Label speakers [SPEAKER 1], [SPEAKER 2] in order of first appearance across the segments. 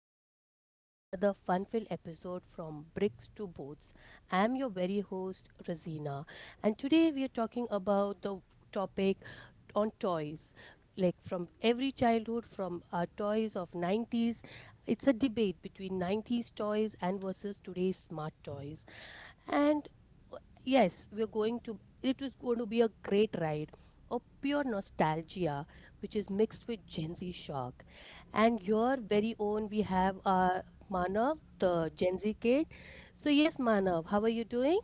[SPEAKER 1] back to yet another fun filled episode from Bricks to Boats. I'm your very host, Razina, and today we are talking about the topic on toys, like from every childhood, from our toys of 90's. It's a debate between 90's toys and versus today's smart toys. And uh, yes, we're going to, it is going to be a great ride of pure nostalgia, which is mixed with Gen Z shock. And your very own, we have Manav, the Gen Z kid. So, yes, Manav, how are you doing?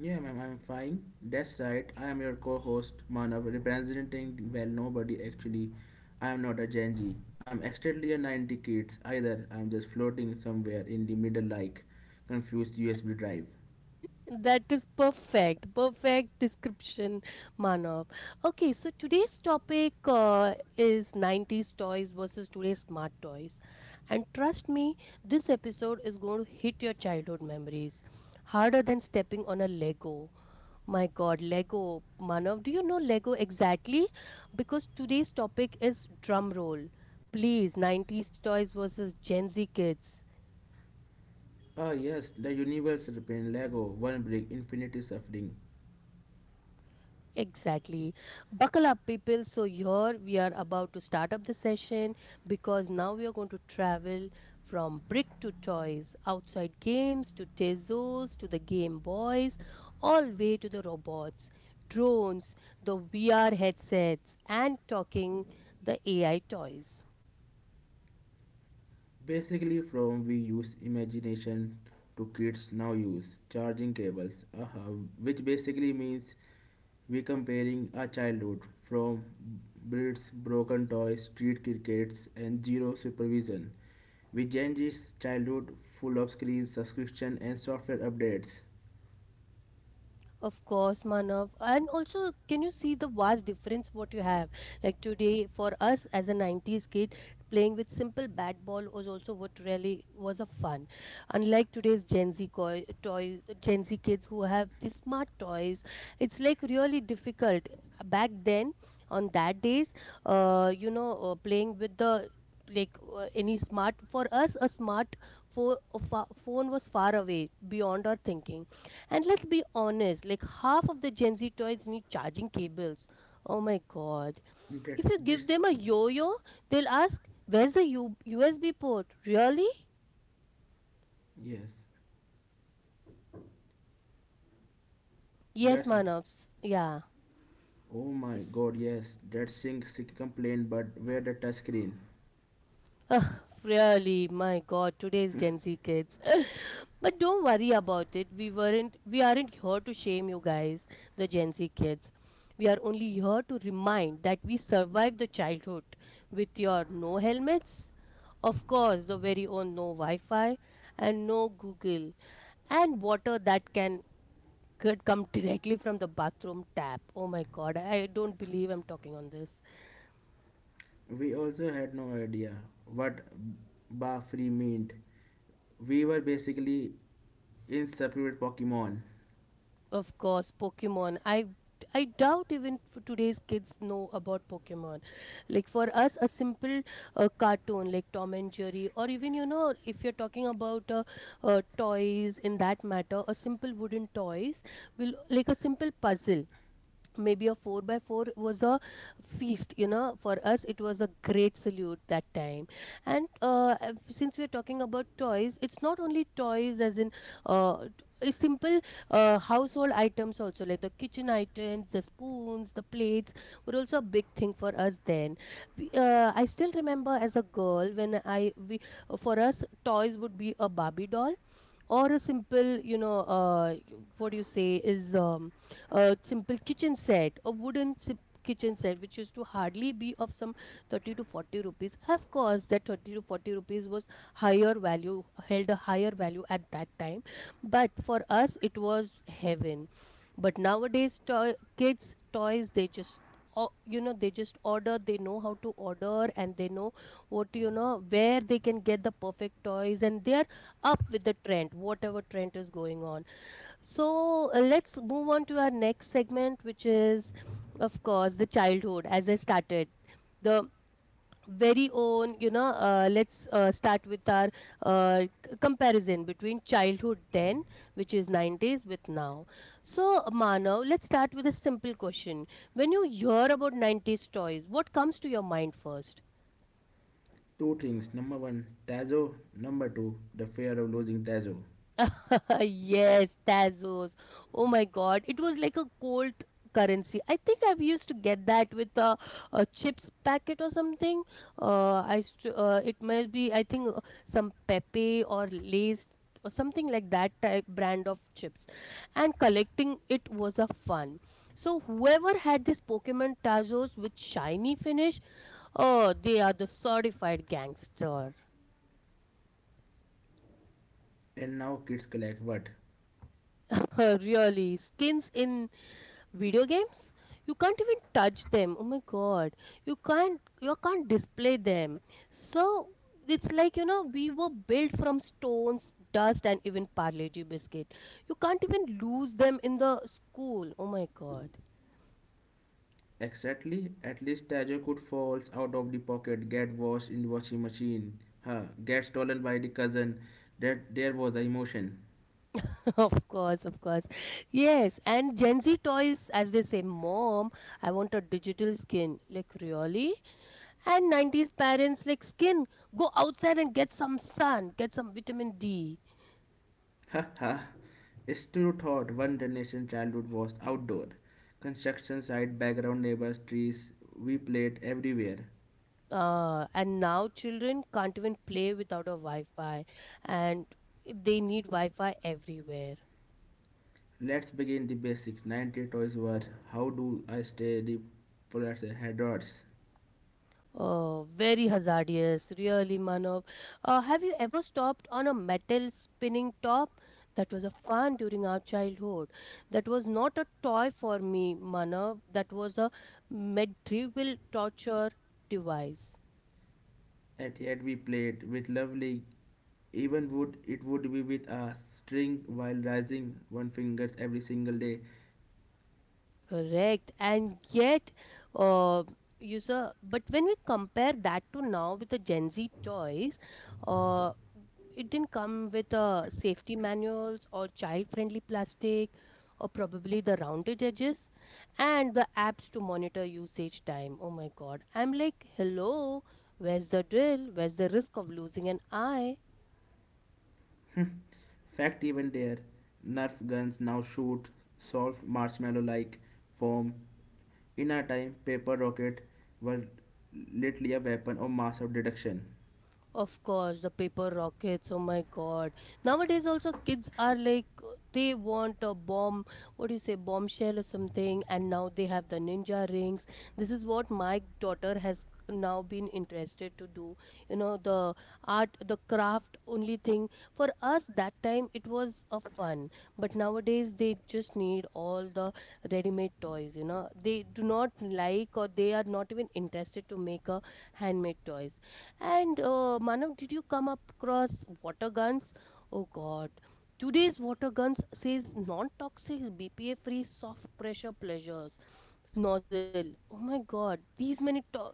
[SPEAKER 2] Yeah, ma'am, I'm fine. That's right. I am your co-host, Manav, representing well nobody actually. I am not a Gen Z. I am extremely a 90 kids either. I am just floating somewhere in the middle like confused USB drive.
[SPEAKER 1] That is perfect, perfect description, Manav. Okay, so today's topic is 90's toys versus today's smart toys. And trust me, this episode is going to hit your childhood memories harder than stepping on a Lego. My God, Lego. Manav, do you know Lego exactly? Because today's topic is drum roll. Please, 90's toys versus Gen Z kids.
[SPEAKER 2] Ah yes, the universe repain Lego, one brick, infinity suffering.
[SPEAKER 1] Exactly. Buckle up, people. So, here we are about to start up the session, because now we are going to travel from brick to toys, outside games to Tezos to the Game Boys, all way to the robots, drones, the VR headsets, and talking the AI toys.
[SPEAKER 2] Basically, from we use imagination to kids now use charging cables, uh-huh, which basically means we comparing our childhood from bricks, broken toys, street crickets, and zero supervision. With Gen Z's childhood full of screens, subscription, and software updates.
[SPEAKER 1] Of course, Manav. And also, can you see the vast difference what you have? Like today, for us as a 90's kid, playing with simple bat ball was also what really was a fun. Unlike today's Gen Z toys, Gen Z kids who have these smart toys, it's like really difficult. Back then, on that days, you know, playing with the like any smart, for us a smart phone, phone was far away beyond our thinking. And let's be honest, like half of the Gen Z toys need charging cables. Oh my god.
[SPEAKER 2] That's
[SPEAKER 1] If you
[SPEAKER 2] this,
[SPEAKER 1] give them a yo yo, they'll ask, where's the USB port? Really?
[SPEAKER 2] yes,
[SPEAKER 1] Yes,
[SPEAKER 2] that's
[SPEAKER 1] Manavs. Yeah.
[SPEAKER 2] oh my
[SPEAKER 1] S-
[SPEAKER 2] god, yes, that thing complaint, but where the touch screen?
[SPEAKER 1] Ugh, really, my god, today's Gen Z kids. But don't worry about it. We aren't here to shame you guys, the Gen Z kids. We are only here to remind that we survived the childhood with your no helmets, of course, the very own no Wi Fi and no Google, and water that can could come directly from the bathroom tap. Oh my god, I don't believe I'm talking on this.
[SPEAKER 2] We also had no idea what Ba Free meant. We were basically inseparable Pokemon.
[SPEAKER 1] Of course, Pokemon. I doubt even today's kids know about Pokemon. Like for us, a simple cartoon like Tom and Jerry, or even you know, if you're talking about toys in that matter, a simple wooden toys will, like a simple puzzle, maybe a 4 by 4, was a feast. You know, for us it was a great salute that time. And since we're talking about toys, it's not only toys as in uh, t- simple household items, also like the kitchen items, the spoons, the plates were also a big thing for us then. We, I still remember, as a girl, when I we, for us toys would be a Barbie doll, or a simple, you know, what do you say, is a simple kitchen set, a wooden kitchen set, which used to hardly be of some 30 to 40 rupees. Of course, that 30 to 40 rupees was higher value, held a higher value at that time, but for us it was heaven. But nowadays, toy, kids toys, they just you know, they just order. They know how to order, and they know what, you know, where they can get the perfect toys, and they up with the trend, whatever trend is going on. So let's move on to our next segment, which is, of course, the childhood. As I started, the very own, you know, let's start with our c- comparison between childhood then, which is 90's, with now. So, Manav, let's start with a simple question. When you hear about 90's toys, what comes to your mind first?
[SPEAKER 2] Two things. Number one, Tazo. Number two, the fear of losing Tazo.
[SPEAKER 1] Yes, Tazos. Oh my God. It was like a gold currency. I think I've used to get that with a chips packet or something. I used to, it might be, I think, some Pepe or Lay's or something like that type brand of chips. And collecting it was a fun. So whoever had this Pokemon Tazos with shiny finish, oh, they are the certified gangster.
[SPEAKER 2] And now kids collect what?
[SPEAKER 1] Really, skins in video games, you can't even touch them. Oh my god, you can't, you can't display them. So it's like, you know, we were built from stones, dust and even parleji biscuit. You can't even lose them in the school. Oh my god.
[SPEAKER 2] Exactly. At least Tazo could fall out of the pocket, get washed in the washing machine, huh? Get stolen by the cousin. That there was the emotion.
[SPEAKER 1] Of course, of course. Yes, and Gen Z toys, as they say, mom, I want a digital skin, like really. And 90's parents like, skin, go outside and get some sun, get some vitamin D.
[SPEAKER 2] Haha, Stu thought one generation childhood was outdoor. Construction site, background neighbors, trees, we played everywhere.
[SPEAKER 1] And now children can't even play without a Wi-Fi, and they need Wi-Fi everywhere.
[SPEAKER 2] Let's begin the basics. 90 toys were how do I stay the polar's headrods.
[SPEAKER 1] Oh, very hazardous, really, Manav. Have you ever stopped on a metal spinning top? That was a fun during our childhood. That was not a toy for me, Manav. That was a medieval torture device.
[SPEAKER 2] And yet we played with lovely even would it would be with a string while raising one fingers every single day.
[SPEAKER 1] Correct. And yet, uh, user, but when we compare that to now with the Gen Z toys, uh, it didn't come with safety manuals or child-friendly plastic or probably the rounded edges and the apps to monitor usage time. Oh my God. I'm like, hello, where's the drill? Where's the risk of losing an eye?
[SPEAKER 2] Fact even there, Nerf guns now shoot soft marshmallow like foam. In our time, paper rockets were literally a weapon of mass of deduction.
[SPEAKER 1] Of course, the paper rockets. Oh my god. Nowadays, also, kids are like, they want a bomb, what do you say, bombshell or something, and now they have the ninja rings. This is what my daughter has now been interested to do. You know, the art, the craft only thing. For us, that time, it was a fun. But nowadays, they just need all the ready made toys. You know, they do not like, or they are not even interested to make a handmade toys. And Manav, did you come across water guns? Oh God, today's water guns says non-toxic, BPA-free, soft pressure pleasures nozzle. Oh my God, these many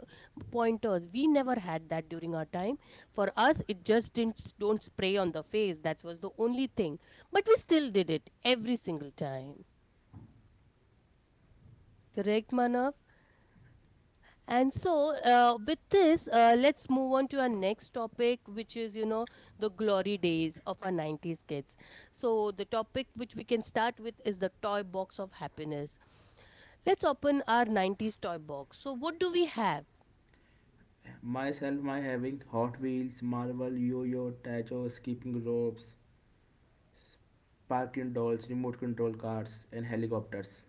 [SPEAKER 1] pointers. We never had that during our time. For us, it just didn't s- don't spray on the face. That was the only thing. But we still did it every single time. Correct, Manav? And so, with this, let's move on to our next topic, which is, you know, the glory days of our 90's kids. So, the topic which we can start with is the toy box of happiness. Let's open our 90's toy box. So, what do we have?
[SPEAKER 2] Myself, my having Hot Wheels, Marvel, Yo-Yo, Tacho, skipping ropes, parking dolls, remote control cars, and helicopters.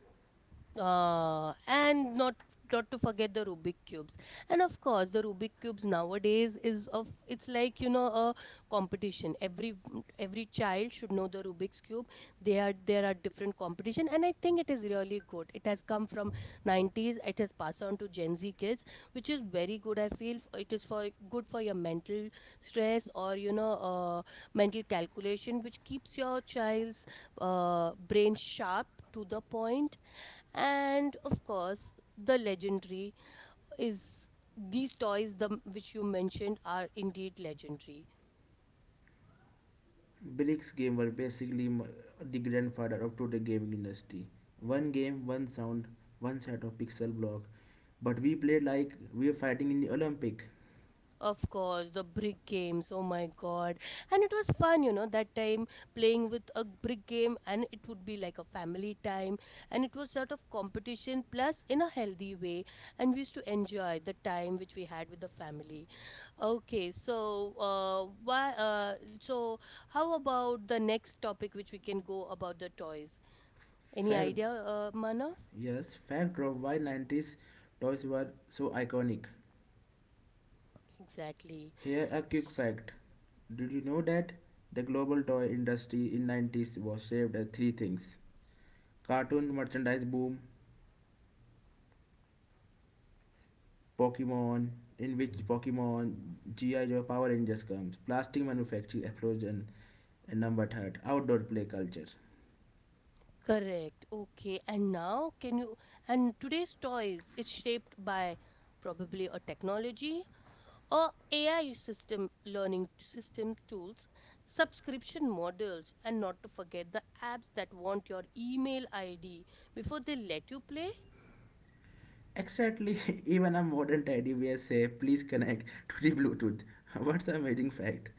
[SPEAKER 1] And not to forget the Rubik cubes. And of course, the Rubik cubes nowadays is of, it's like, you know, a competition. Every child should know the Rubik's cube. They are there are different competition, and I think it is really good. It has come from 90's. It has passed on to Gen Z kids, which is very good. I feel it is for good for your mental stress, or you know, mental calculation, which keeps your child's brain sharp to the point. And of course, the legendary is these toys, the which you mentioned, are indeed legendary.
[SPEAKER 2] Bricks game were basically m- The grandfather of today gaming industry. One game, one sound, one set of pixel block. But we played like we were fighting in the Olympic.
[SPEAKER 1] Of course, the brick games, oh my god. And it was fun, you know, that time, playing with a brick game, and it would be like a family time. And it was sort of competition plus in a healthy way, and we used to enjoy the time which we had with the family. Okay, so why so how about the next topic, which we can go about the toys? Any
[SPEAKER 2] Fact,
[SPEAKER 1] idea, Manav?
[SPEAKER 2] yes, fact of why 90s toys were so iconic.
[SPEAKER 1] Exactly.
[SPEAKER 2] Here a quick
[SPEAKER 1] S-
[SPEAKER 2] fact. Did you know that the global toy industry in 90s was shaped by three things? Cartoon merchandise boom, Pokemon, in which Pokemon, G.I. Joe, Power Rangers comes, plastic manufacturing explosion and number third, outdoor play culture.
[SPEAKER 1] Correct. Okay. And now, can you? And today's toys, it's shaped by probably a technology or AI system, learning system tools, subscription models, and not to forget the apps that want your email ID before they let you play.
[SPEAKER 2] Exactly, even a modern teddy bear say, please connect to the Bluetooth. What's an amazing fact?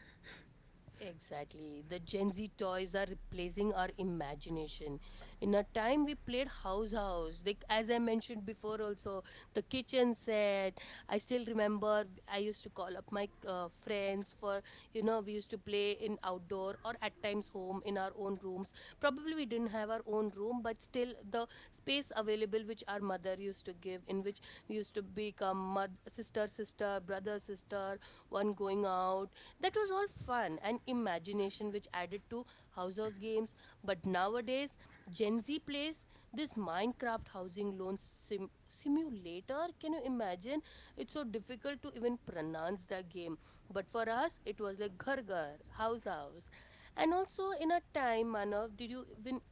[SPEAKER 1] Exactly. The Gen Z toys are replacing our imagination. In our time, we played house house. Like as I mentioned before, also the kitchen set. I still remember I used to call up my friends for, you know, we used to play in outdoor or at times home in our own rooms. Probably we didn't have our own room, but still the space available which our mother used to give, in which we used to become mother, sister, brother sister, one going out, that was all fun and imagination which added to house house games. But nowadays, Gen Z plays this Minecraft housing loan simulator. Can you imagine? It's so difficult to even pronounce the game. But for us, it was like ghar ghar, house house. And also, in a time, Manav, did you even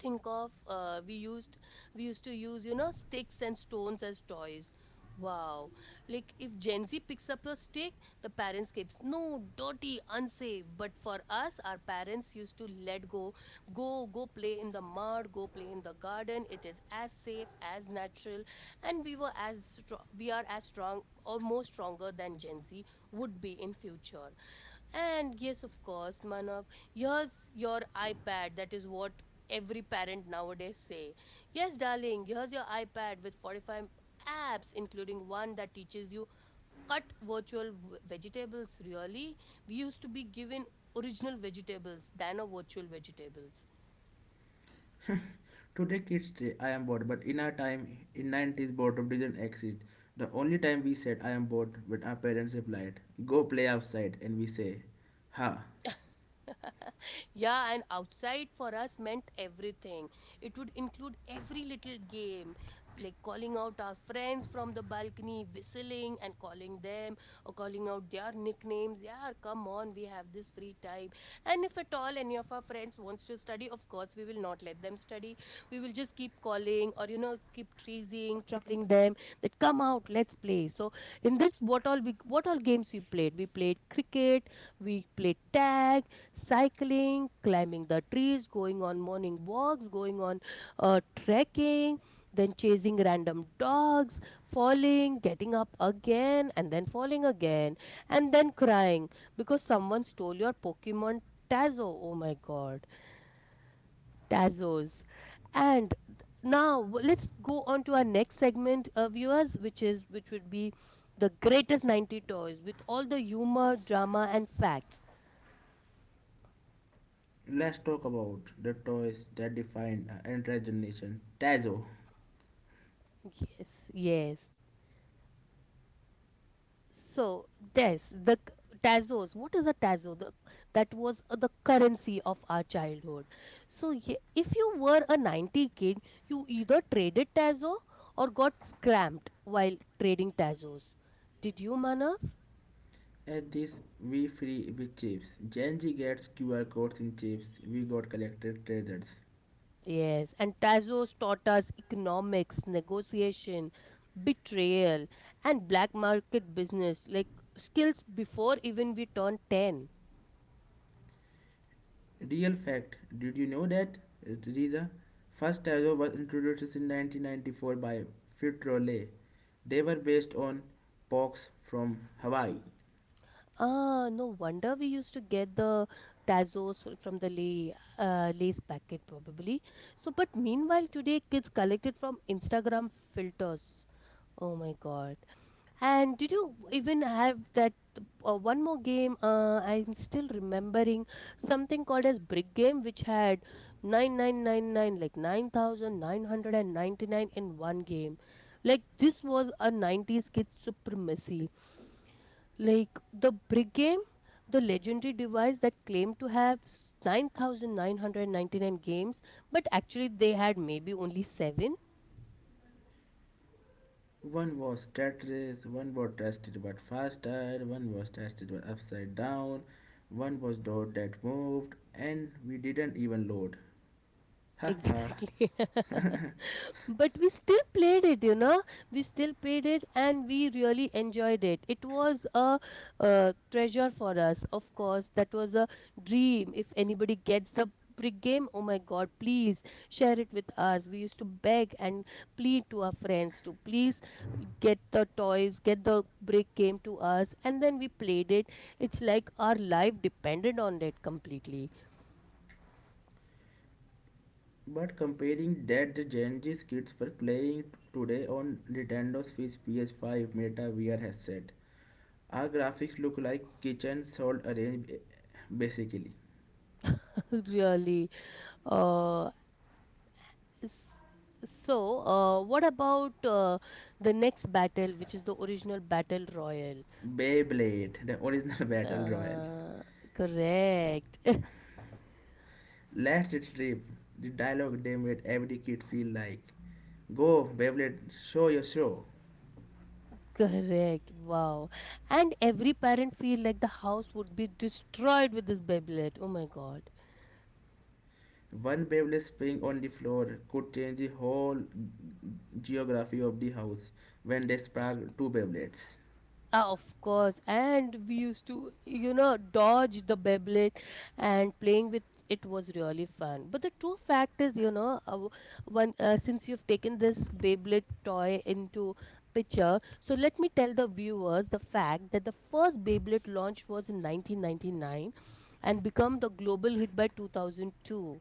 [SPEAKER 1] think of we used to use sticks and stones as toys. Wow. Like if Gen Z picks up a stick, the parents keeps, "No, dirty, unsafe," but for us our parents used to let go. Go play in the mud, go play in the garden, it is as safe as natural. And we were as we are as strong or more stronger than Gen Z would be in future. And yes, of course, Manav, here's your iPad. That is what every parent nowadays say. Yes, darling, here's your iPad with 45 apps, including one that teaches you cut virtual vegetables. Really, we used to be given original vegetables than a virtual vegetables.
[SPEAKER 2] Today kids say I am bored, but in our time, in 90s boredom didn't exist. The only time we said I am bored, when our parents replied, go play outside, and we say, ha.
[SPEAKER 1] Yeah, and outside for us meant everything. It would include every little game, like calling out our friends from the balcony, whistling and calling them, or calling out their nicknames. Yeah, come on, we have this free time. And if at all any of our friends wants to study, of course, we will not let them study. We will just keep calling or, you know, keep teasing, troubling them that come out, let's play. So in this, what all games we played? We played cricket, we played tag, cycling, climbing the trees, going on morning walks, going on trekking, then chasing random dogs, falling, getting up again, and then falling again, and then crying because someone stole your Pokemon Tazo. Oh my god, Tazos. And let's go on to our next segment, viewers, which would be the greatest 90 toys with all the humor, drama, and facts.
[SPEAKER 2] Let's talk about the toys that define an entire generation. Tazo.
[SPEAKER 1] Yes, yes. So yes, the tazos. What is a tazo? That was the currency of our childhood. So if you were a 90 kid, you either traded tazo or got scammed while trading tazos. Did you, Manav?
[SPEAKER 2] At this we free with chips. Gen Z gets QR codes in chips. We got collected treasures.
[SPEAKER 1] Yes, and tazos taught us economics, negotiation, betrayal, and black market business like skills before even we turned 10.
[SPEAKER 2] Real fact. Did you know that, Riza? First Tazo was introduced in 1994 by Fitrole. They were based on pox from Hawaii.
[SPEAKER 1] Ah, no wonder we used to get the Tazos from the lay, lace packet probably. So, but meanwhile, today kids collected from Instagram filters. Oh my God! And did you even have that one more game? I'm still remembering something called as Brick Game, which had 9,999 in one game. Like this was a nineties kids supremacy, like the brick game, the legendary device that claimed to have 9,999 games, but actually they had maybe only seven.
[SPEAKER 2] One was Tetris, one was tested but faster, one was tested but upside down, one was dot that moved, and we didn't even load. Ha!
[SPEAKER 1] Exactly. But we still played it, you know. We still played it and we really enjoyed it. It was a, uh, treasure for us, of course. That was a dream. If anybody gets the brick game, oh my god, please share it with us. We used to beg and plead to our friends to please get the toys, get the brick came to us, and then we played it. It's like our life depended on it completely.
[SPEAKER 2] But comparing that the Gen Z kids were playing today on Nintendo's Switch PS5 Meta VR headset, our graphics look like kitchen salt arranged basically.
[SPEAKER 1] Really. Uh, s- what about the next battle, which is the original battle royal?
[SPEAKER 2] Beyblade, the original battle royale.
[SPEAKER 1] Uh, Correct.
[SPEAKER 2] Let's retrieve the dialogue they made every kid feel like. Go, Beyblade, show your show.
[SPEAKER 1] Correct. Wow. And every parent feel like the house would be destroyed with this Beyblade. Oh my God.
[SPEAKER 2] One Beyblade spring on the floor could change the whole geography of the house when they sparked two Beyblades.
[SPEAKER 1] Ah, of course, and we used to, you know, dodge the Beyblade, and playing with it was really fun. But the true fact is, you know, when since you've taken this Beyblade toy into picture, so let me tell the viewers the fact that the first Beyblade launch was in 1999 and become the global hit by 2002.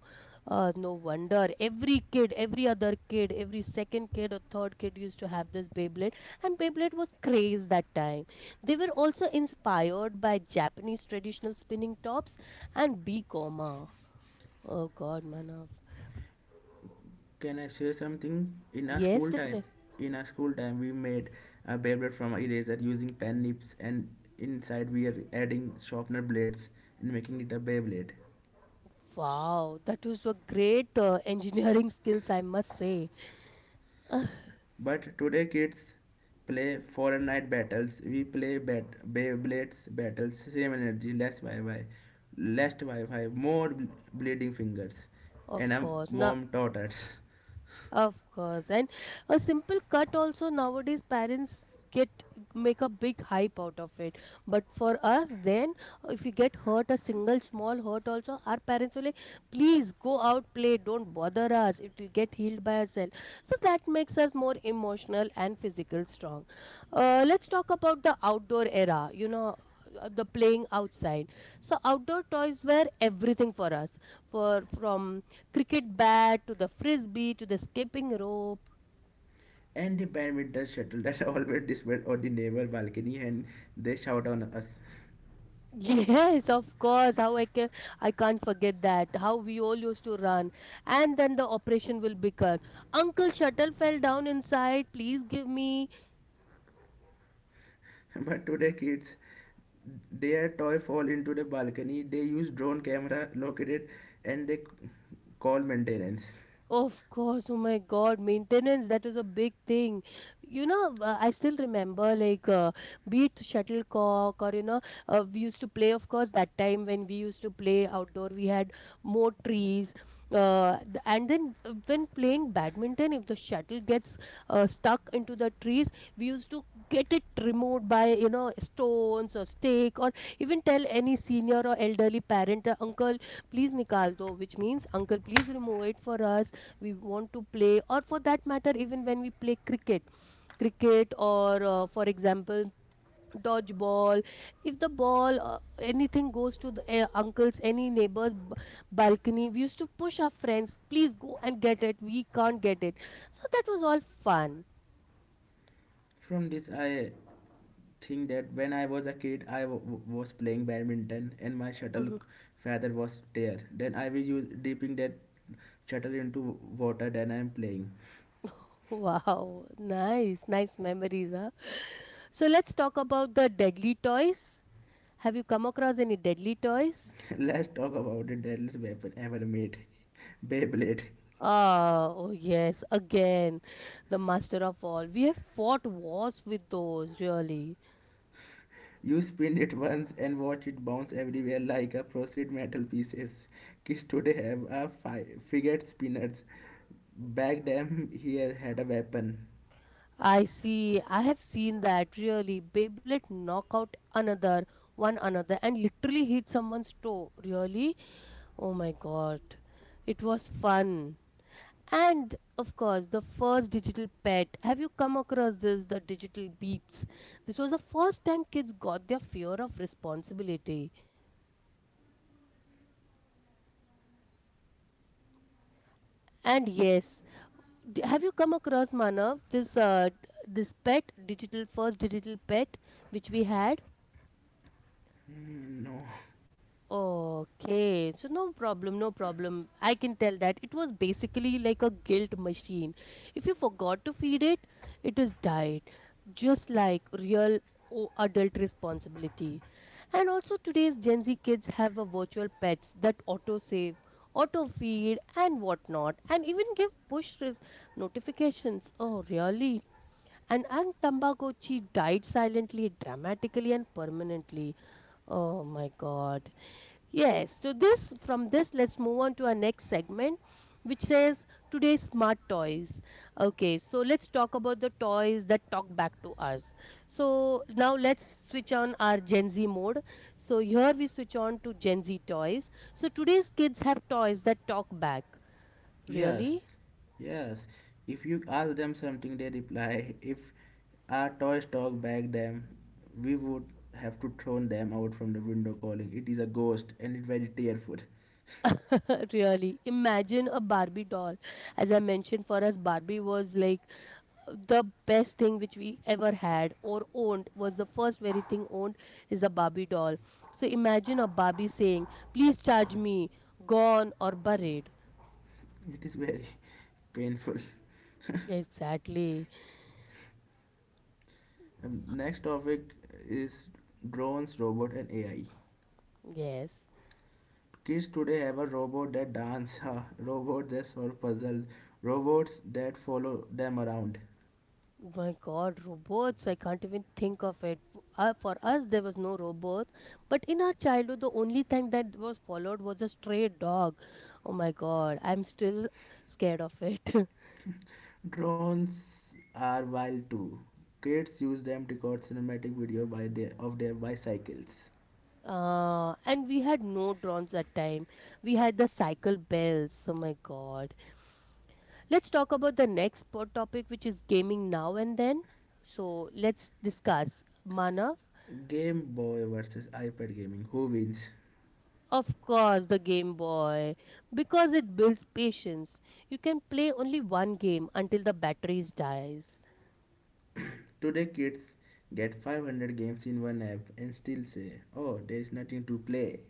[SPEAKER 1] No wonder every kid, every other kid, every second kid or third kid used to have this Beyblade, and Beyblade was craze that time. They were also inspired by Japanese traditional spinning tops and bikoma. Oh God, Manav.
[SPEAKER 2] Can I share something? In our
[SPEAKER 1] Yes,
[SPEAKER 2] school time,
[SPEAKER 1] definitely.
[SPEAKER 2] in our school time, we made a Beyblade from eraser using pen nibs, and inside we are adding sharpener blades and making it a Beyblade.
[SPEAKER 1] Wow, that was a great engineering skills, I must say.
[SPEAKER 2] But today kids play Fortnite battles. We play bat Beyblades battles. Same energy, less Wi-Fi, more bleeding fingers, and
[SPEAKER 1] Of
[SPEAKER 2] a
[SPEAKER 1] course. Now,
[SPEAKER 2] mom daughters.
[SPEAKER 1] of course, and a simple cut also nowadays parents get make a big hype out of it. But for us, then if you get hurt, a single small hurt also, our parents will like, please go out play, don't bother us. It will get healed by itself. So that makes us more emotional and physical strong. Let's talk about the outdoor era. You know, the playing outside, so outdoor toys were everything for us. For from cricket bat to the frisbee to the skipping rope.
[SPEAKER 2] And the badminton shuttle that always disappeared on the neighbor balcony and they shout on us.
[SPEAKER 1] Yes, of course. How I can I can't forget that. How we all used to run, and then the operation will begin. Uncle, shuttle fell down inside. Please give me.
[SPEAKER 2] But today kids, their toy fall into the balcony. They use drone camera located and call maintenance.
[SPEAKER 1] Of course, oh my God, maintenance, that was a big thing. You know, I still remember like be it shuttlecock or, you know, we used to play, of course, that time when we used to play outdoor, we had more trees. And then when playing badminton, if the shuttle gets stuck into the trees, we used to get it removed by, you know, stones or stake, or even tell any senior or elderly parent, uncle, please nikal do, which means, uncle, please remove it for us, we want to play. Or for that matter, even when we play cricket or for example dodgeball, if the ball, anything goes to the, uncle's any neighbor's balcony, we used to push our friends, please go and get it, we can't get it. So that was all fun.
[SPEAKER 2] From this, I thing that when I was a kid, was playing badminton and my shuttle
[SPEAKER 1] Mhm.
[SPEAKER 2] feather was there. Then I will use dipping that shuttle into water. Then I'm playing.
[SPEAKER 1] Wow, nice nice memories, huh? So let's talk about the deadly toys. Have you come across any deadly toys?
[SPEAKER 2] Let's talk about the deadliest weapon ever made, Beyblade.
[SPEAKER 1] Ah, oh yes, again, the master of all. We have fought wars with those, really.
[SPEAKER 2] You spin it once and watch it bounce everywhere like a processed metal pieces. Kids today have a figure spinners. Back then, he had a weapon.
[SPEAKER 1] I see, I have seen that, really. Beyblade knock out another, one another, and literally hit someone's toe, really. Oh my god, it was fun. And of course, the first digital pet. Have you come across this, the digital beeps? This was the first time kids got their fear of responsibility. And yes, have you come across, Manav, this this pet digital, first digital pet which we had?
[SPEAKER 2] Hmm, no.
[SPEAKER 1] Okay, so no problem, no problem. I can tell that it was basically like a guilt machine. If you forgot to feed it, it has died, just like real adult responsibility. And also, today's Gen Z kids have a virtual pets that auto save, auto feed, and whatnot, and even give push notifications. Oh, really? And Aunt Tambakochi died silently, dramatically, and permanently. Oh my God. Yes. So this from this, let's move on to our next segment, which says today's smart toys. Okay, so let's talk about the toys that talk back to us. So now let's switch on our Gen Z mode. So here we switch on to Gen Z toys. So today's kids have toys that talk back.
[SPEAKER 2] Yes,
[SPEAKER 1] Really?
[SPEAKER 2] yes. If you ask them something, they reply, if our toys talk back them, we would have to throw them out from the window calling. It is a ghost and it's very tearful.
[SPEAKER 1] Really, imagine a Barbie doll. As I mentioned, for us Barbie was like the best thing which we ever had or owned, was the first very thing owned is a Barbie doll. So imagine a Barbie saying, please charge me. Gone or buried.
[SPEAKER 2] It is very painful.
[SPEAKER 1] Exactly.
[SPEAKER 2] Next topic is drones, robot and AI.
[SPEAKER 1] Yes.
[SPEAKER 2] Kids today have a robot that dance, a robot that solve puzzle, robots that follow them around.
[SPEAKER 1] Oh My God, robots! I can't even think of it. For us, there was no robot, but in our childhood, the only thing that was followed was a stray dog. Oh my God, I'm still scared of it.
[SPEAKER 2] Drones are wild too. Kids use them to record cinematic video by their, of their bicycles.
[SPEAKER 1] And we had no drones that time. We had the cycle bells. Oh my God. Let's talk about the next topic, which is gaming now and then. So let's discuss. Manav,
[SPEAKER 2] Game Boy versus iPad gaming. Who wins?
[SPEAKER 1] of course, the Game Boy. Because it builds patience. You can play only one game until the batteries dies.
[SPEAKER 2] Today kids get 500 games in one app and still say, "Oh, there is nothing to play."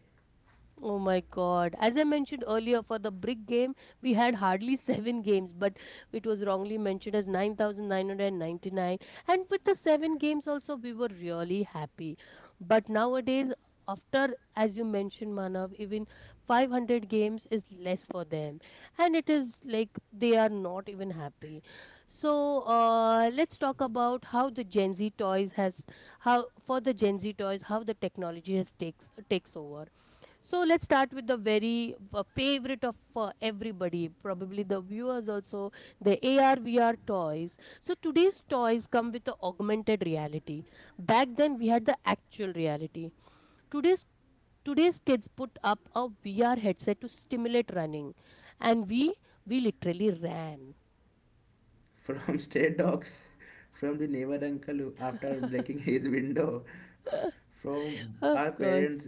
[SPEAKER 1] Oh my God. As I mentioned earlier, for the brick game, we had hardly seven games, but it was wrongly mentioned as 9,999. And with the seven games, also, we were really happy. But nowadays, after, as you mentioned, Manav, even 500 games is less for them. And it is like they are not even happy. So let's talk about how the Gen Z toys has, how for the Gen Z toys, how the technology has takes over. So let's start with the very favorite of everybody, probably the viewers also, the AR VR toys. So today's toys come with the augmented reality. Back then we had the actual reality. Today's today's kids put up a VR headset to stimulate running, and we literally ran.
[SPEAKER 2] From stray dogs, from the neighbor after breaking his window, from our
[SPEAKER 1] Of course.
[SPEAKER 2] parents,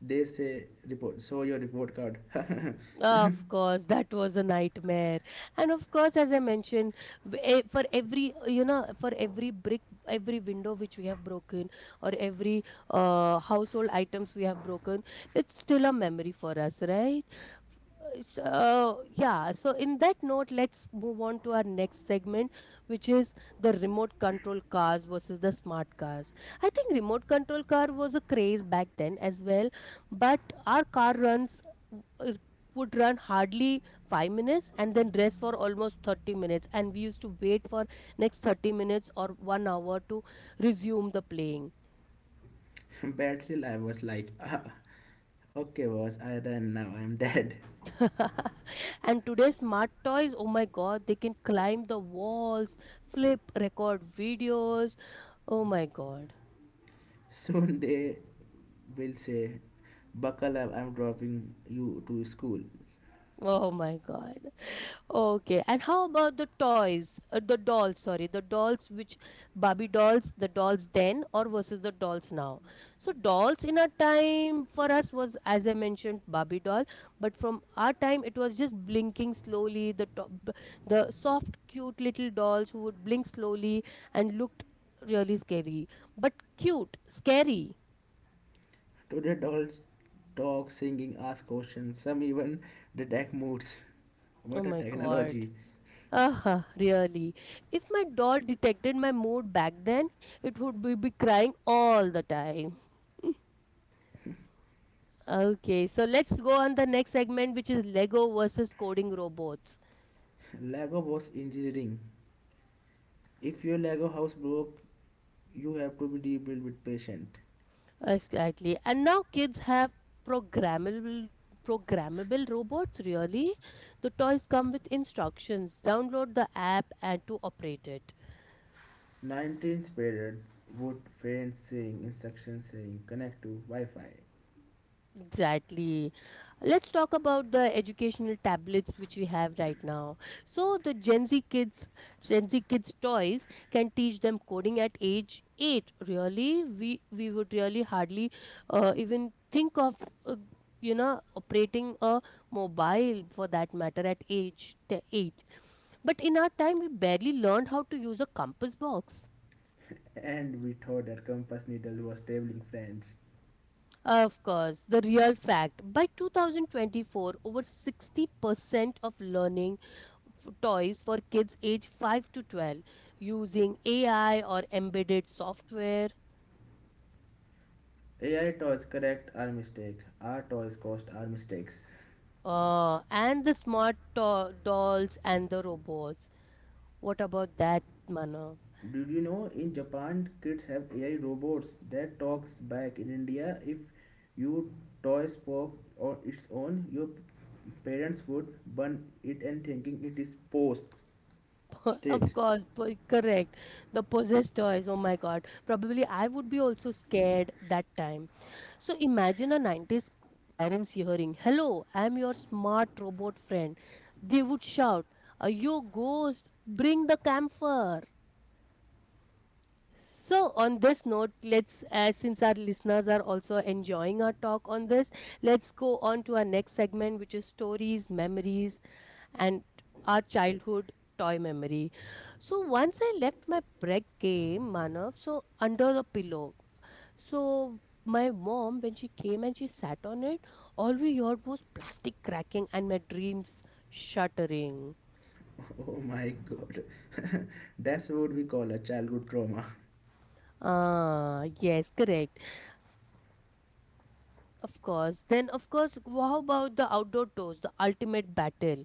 [SPEAKER 2] they say, "Report, show your report card."
[SPEAKER 1] Of course, that was a nightmare. And of course, as I mentioned, for every, you know, for every brick, every window which we have broken, or every household items we have broken, it's still a memory for us, right? So, yeah, so in that note, let's move on to our next segment, which is the remote control cars versus the smart cars. I think remote control car was a craze back then as well, but our car runs uh, would run hardly 5 minutes and then rest for almost 30 minutes, and we used to wait for next 30 minutes or 1 hour to resume the playing.
[SPEAKER 2] Bad till I was like, ah, okay, boss, I done now, I'm dead.
[SPEAKER 1] And today's smart toys, oh my god, they can climb the walls, flip, record videos. Oh my god.
[SPEAKER 2] Soon they will say, buckle up, I'm dropping you to school.
[SPEAKER 1] Oh my god. Okay, and how about the toys? The dolls, sorry, the dolls which Barbie dolls, the dolls then or versus the dolls now. So dolls in our time for us was, as I mentioned, Barbie doll, but from our time it was just blinking slowly, the top, the soft cute little dolls who would blink slowly and looked really scary, but cute, scary.
[SPEAKER 2] Today, dolls talk, singing, ask questions, some even detect moods.
[SPEAKER 1] Oh
[SPEAKER 2] What a
[SPEAKER 1] my God.
[SPEAKER 2] technology!
[SPEAKER 1] Uh-huh, really. If my doll detected my mood back then, it would be, crying all the time. Okay, so let's go on the next segment, which is Lego versus coding robots.
[SPEAKER 2] Lego was engineering. If your Lego house broke, you have to be rebuilt with patient.
[SPEAKER 1] Exactly. And now kids have programmable programmable robots, really. The toys come with instructions. Download the app and to operate it.
[SPEAKER 2] 19th period would faint saying instructions saying connect to Wi-Fi.
[SPEAKER 1] Exactly. Let's talk about the educational tablets which we have right now. So the Gen Z Gen Z kids toys can teach them coding at age 8. Really, we would really hardly even think of uh, operating a mobile for that matter at age 8. But in our time, we barely learned how to use a compass box.
[SPEAKER 2] And we thought that compass needle was tabling friends.
[SPEAKER 1] Of course, the real fact, by 2024, over 60% of learning toys for kids age 5 to 12 using AI or embedded software,
[SPEAKER 2] AI toys correct our mistake. Our toys cost our mistakes.
[SPEAKER 1] and the smart dolls and the robots. What about that, Manav?
[SPEAKER 2] Did you know in Japan kids have AI robots that talks back? In India, if you toy spoke on its own, your parents would burn it and thinking it is post
[SPEAKER 1] Of
[SPEAKER 2] state.
[SPEAKER 1] course, correct. The possessed toys, oh my god. Probably I would be also scared that time. So imagine a 90s parents hearing, "Hello, I'm your smart robot friend." They would shout, "Are you a ghost? Bring the camphor." So on this note, let's, since our listeners are also enjoying our talk on this, let's go on to our next segment, which is stories, memories, and our childhood toy memory. So once I left my break game, Manav, so under the pillow. So my mom, when she came and she sat on it, all we heard was plastic cracking and my dreams shattering.
[SPEAKER 2] Oh my god. That's what we call a childhood trauma.
[SPEAKER 1] Ah, yes, correct. Of course. Then, of course, how about the outdoor toys, the ultimate battle,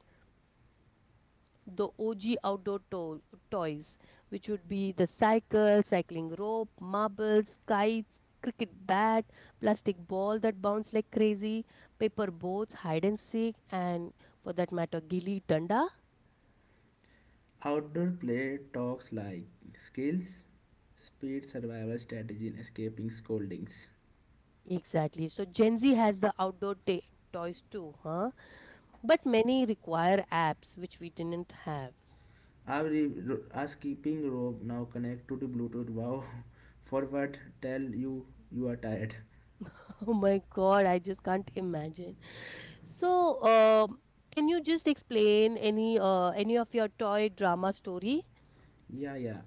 [SPEAKER 1] the OG outdoor toys, which would be the cycle, cycling rope, marbles, kites, cricket bat, plastic ball that bounce like crazy, paper boats, hide and seek, and, for that matter, gilly danda.
[SPEAKER 2] Outdoor play talks like skills, speed, survival strategy, and escaping scoldings.
[SPEAKER 1] Exactly. So Gen Z has the outdoor ta toys too, huh? But many require apps, which we didn't have.
[SPEAKER 2] Our, our skipping rope now connect to the Bluetooth. Wow, forward, tell you you are tired.
[SPEAKER 1] Oh my God, I just can't imagine. So, can you just explain any of your toy drama story?
[SPEAKER 2] Yeah, yeah.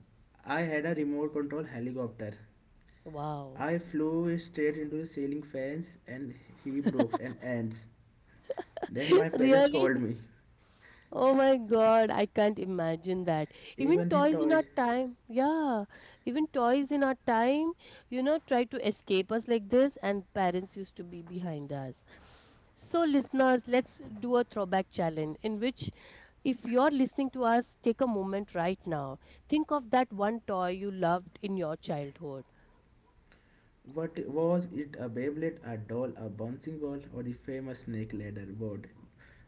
[SPEAKER 2] I had a remote control helicopter.
[SPEAKER 1] Wow.
[SPEAKER 2] I flew straight into the ceiling fans and he broke hands. He just
[SPEAKER 1] Really?
[SPEAKER 2] called me.
[SPEAKER 1] Oh my God, I can't imagine that. Even
[SPEAKER 2] Even the
[SPEAKER 1] toys in our
[SPEAKER 2] toy.
[SPEAKER 1] time, yeah, even toys in our time, you know, try to escape us like this, and parents used to be behind us. So, listeners, let's do a throwback challenge in which, if you're listening to us, take a moment right now. Think of that one toy you loved in your childhood,
[SPEAKER 2] What was it a Beyblade, a doll, a bouncing ball, or the famous snake ladder board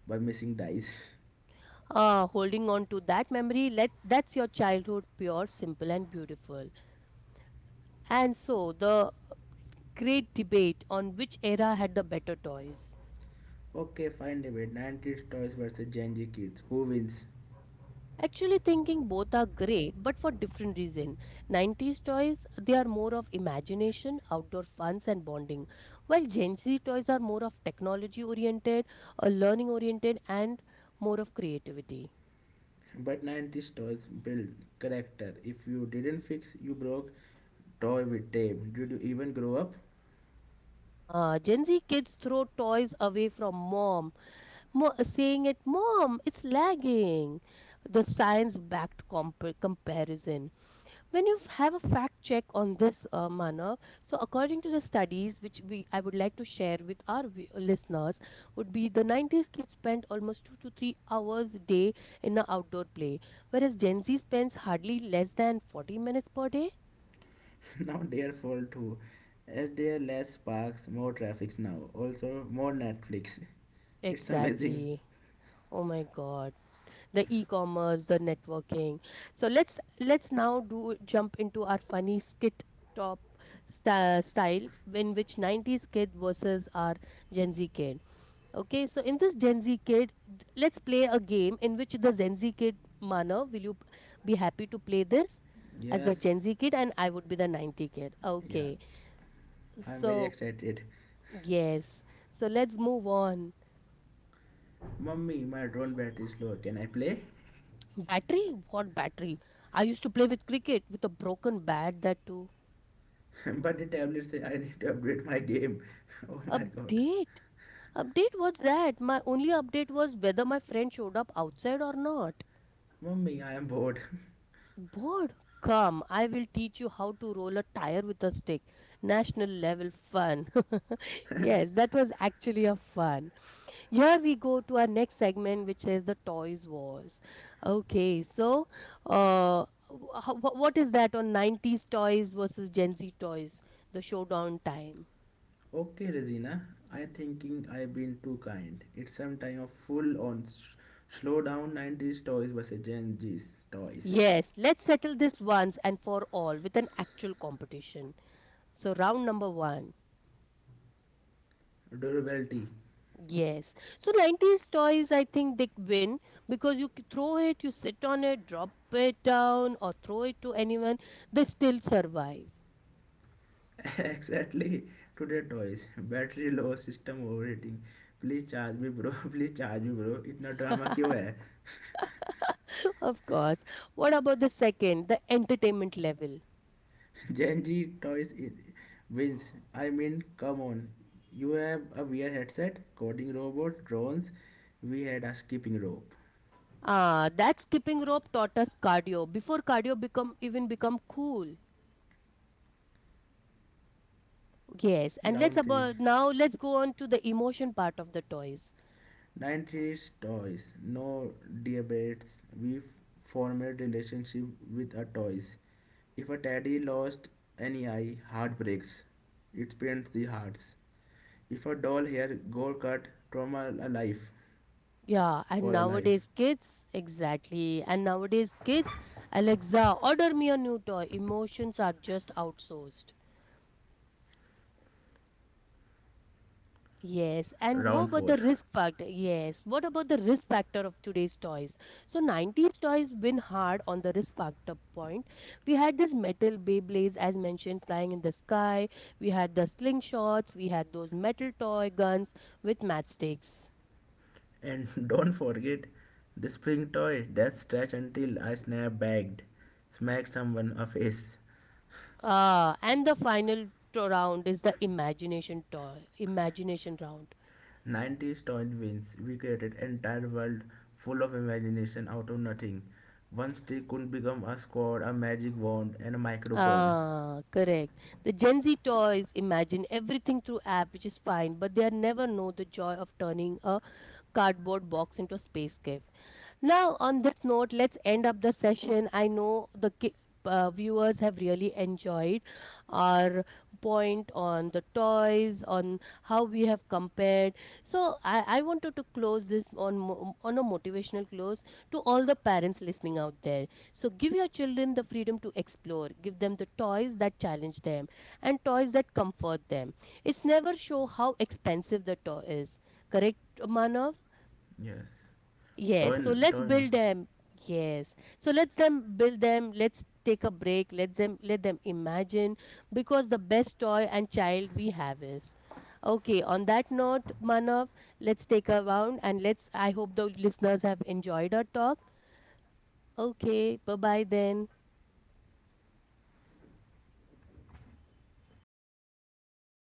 [SPEAKER 2] by missing dice?
[SPEAKER 1] holding on to that memory. Let that's your childhood, pure, simple and beautiful. And so the great debate on which era had the better toys,
[SPEAKER 2] Okay, fine debate. 90s toys versus Gen Z kids. Who wins?
[SPEAKER 1] actually thinking both are great but for different reason. 90s toys, they are more of imagination, outdoor funs and bonding, while gen z toys are more of technology oriented or learning oriented and more of creativity.
[SPEAKER 2] But 90s toys build character. If you didn't fix, you broke. Toy with tape. Did you even grow up?
[SPEAKER 1] Uh, gen z kids throw toys away from mom Mo saying it, "Mom, it's lagging." The science-backed comparison. When you have a fact check on this, Manav, so according to the studies, which we I would like to share with our listeners, would be the 90s kids spent almost 2 to 3 hours a day in the outdoor play, whereas Gen Z spends hardly less than 40 minutes per day.
[SPEAKER 2] Now their fault too. As there are less parks, more traffic now. Also, more Netflix. It's amazing.
[SPEAKER 1] Exactly. Oh my God. The e-commerce, the networking. So let's now do jump into our funny skit top style in which 90s kid versus our gen z kid. Okay, so in this gen z kid let's play a game in which the gen z kid mana, will you be happy to play this as a
[SPEAKER 2] Yes.
[SPEAKER 1] gen z kid, and I would be the 90 kid,
[SPEAKER 2] Yeah.
[SPEAKER 1] okay?
[SPEAKER 2] I'm very
[SPEAKER 1] So
[SPEAKER 2] excited.
[SPEAKER 1] yes, so let's move on.
[SPEAKER 2] Mummy, my drone battery is low. Can I play?
[SPEAKER 1] Battery? What battery? I used to play with cricket with a broken bat, that too.
[SPEAKER 2] But the tablet says I need to upgrade my game. Oh my god.
[SPEAKER 1] Update? Update was that. My only update was whether my friend showed up outside or not.
[SPEAKER 2] Mummy, I am bored.
[SPEAKER 1] Bored? Come, I will teach you how to roll a tire with a stick. National level fun. Yes, that was actually a fun. Here we go to our next segment, which is the toys wars. Okay, so, uh, what is that on 90s toys versus Gen Z toys? The showdown time.
[SPEAKER 2] Okay, Regina. I thinking I've been too kind. It's some time of full on slow down 90s toys versus Gen G's toys.
[SPEAKER 1] Yes, let's settle this once and for all with an actual competition. So round number one.
[SPEAKER 2] Durability.
[SPEAKER 1] Yes. So 90s toys, I think they win because you throw it, you sit on it, drop it down, or throw it to anyone, they still survive.
[SPEAKER 2] Exactly. Today toys. Battery low, system overheating. Please charge me, bro. Please charge me, bro. इतना drama क्यों है
[SPEAKER 1] Of course. What about the second, the entertainment level?
[SPEAKER 2] Gen Z toys wins. I mean, come on. You have a VR headset, coding robot, drones. We had a skipping rope.
[SPEAKER 1] Ah, that skipping rope taught us cardio before cardio become cool. Yes, and let's
[SPEAKER 2] Round 3.
[SPEAKER 1] about now let's go on to the emotion part of the toys.
[SPEAKER 2] 90s toys. No debates. Formed relationship with our toys. If a teddy lost any eye, heart breaks. It pains the hearts. If a doll hair go cut, trauma alive
[SPEAKER 1] Yeah, and
[SPEAKER 2] for a life.
[SPEAKER 1] nowadays kids, exactly. And nowadays kids, "Alexa, order me a new toy." Emotions are just outsourced. Yes, and how
[SPEAKER 2] Round
[SPEAKER 1] about
[SPEAKER 2] 4.
[SPEAKER 1] the risk factor? Yes, what about the risk factor of today's toys? So 90s toys been hard on the risk factor point. We had this metal Beyblades, as mentioned, flying in the sky. We had the slingshots, we had those metal toy guns with matchsticks.
[SPEAKER 2] And don't forget the spring toy that stretch until I snap bagged, smacked someone a face.
[SPEAKER 1] And the final round is the imagination toy, imagination round.
[SPEAKER 2] 90s toy wins. We created entire world full of imagination out of nothing. One stick could become a squad, a magic wand, and a microphone.
[SPEAKER 1] Ah, correct. The Gen Z toys imagine everything through app, which is fine, but they are never know the joy of turning a cardboard box into a space cave. Now, on this note, let's end up the session. I know the viewers have really enjoyed our point on the toys, on how we have compared. So, I wanted to close this on on a motivational close to all the parents listening out there. So, give your children the freedom to explore. Give them the toys that challenge them and toys that comfort them. It's never show how expensive the toy is. Correct, Manav?
[SPEAKER 2] Yes.
[SPEAKER 1] Yes.
[SPEAKER 2] Toy,
[SPEAKER 1] So let's
[SPEAKER 2] toy, no.
[SPEAKER 1] build them. Yes. So let's them build them. Let's take a break. Let them imagine, because the best toy and child we have is. Okay, on that note, Manav, let's take a round, and let's, I hope the listeners have enjoyed our talk. Okay, bye-bye then.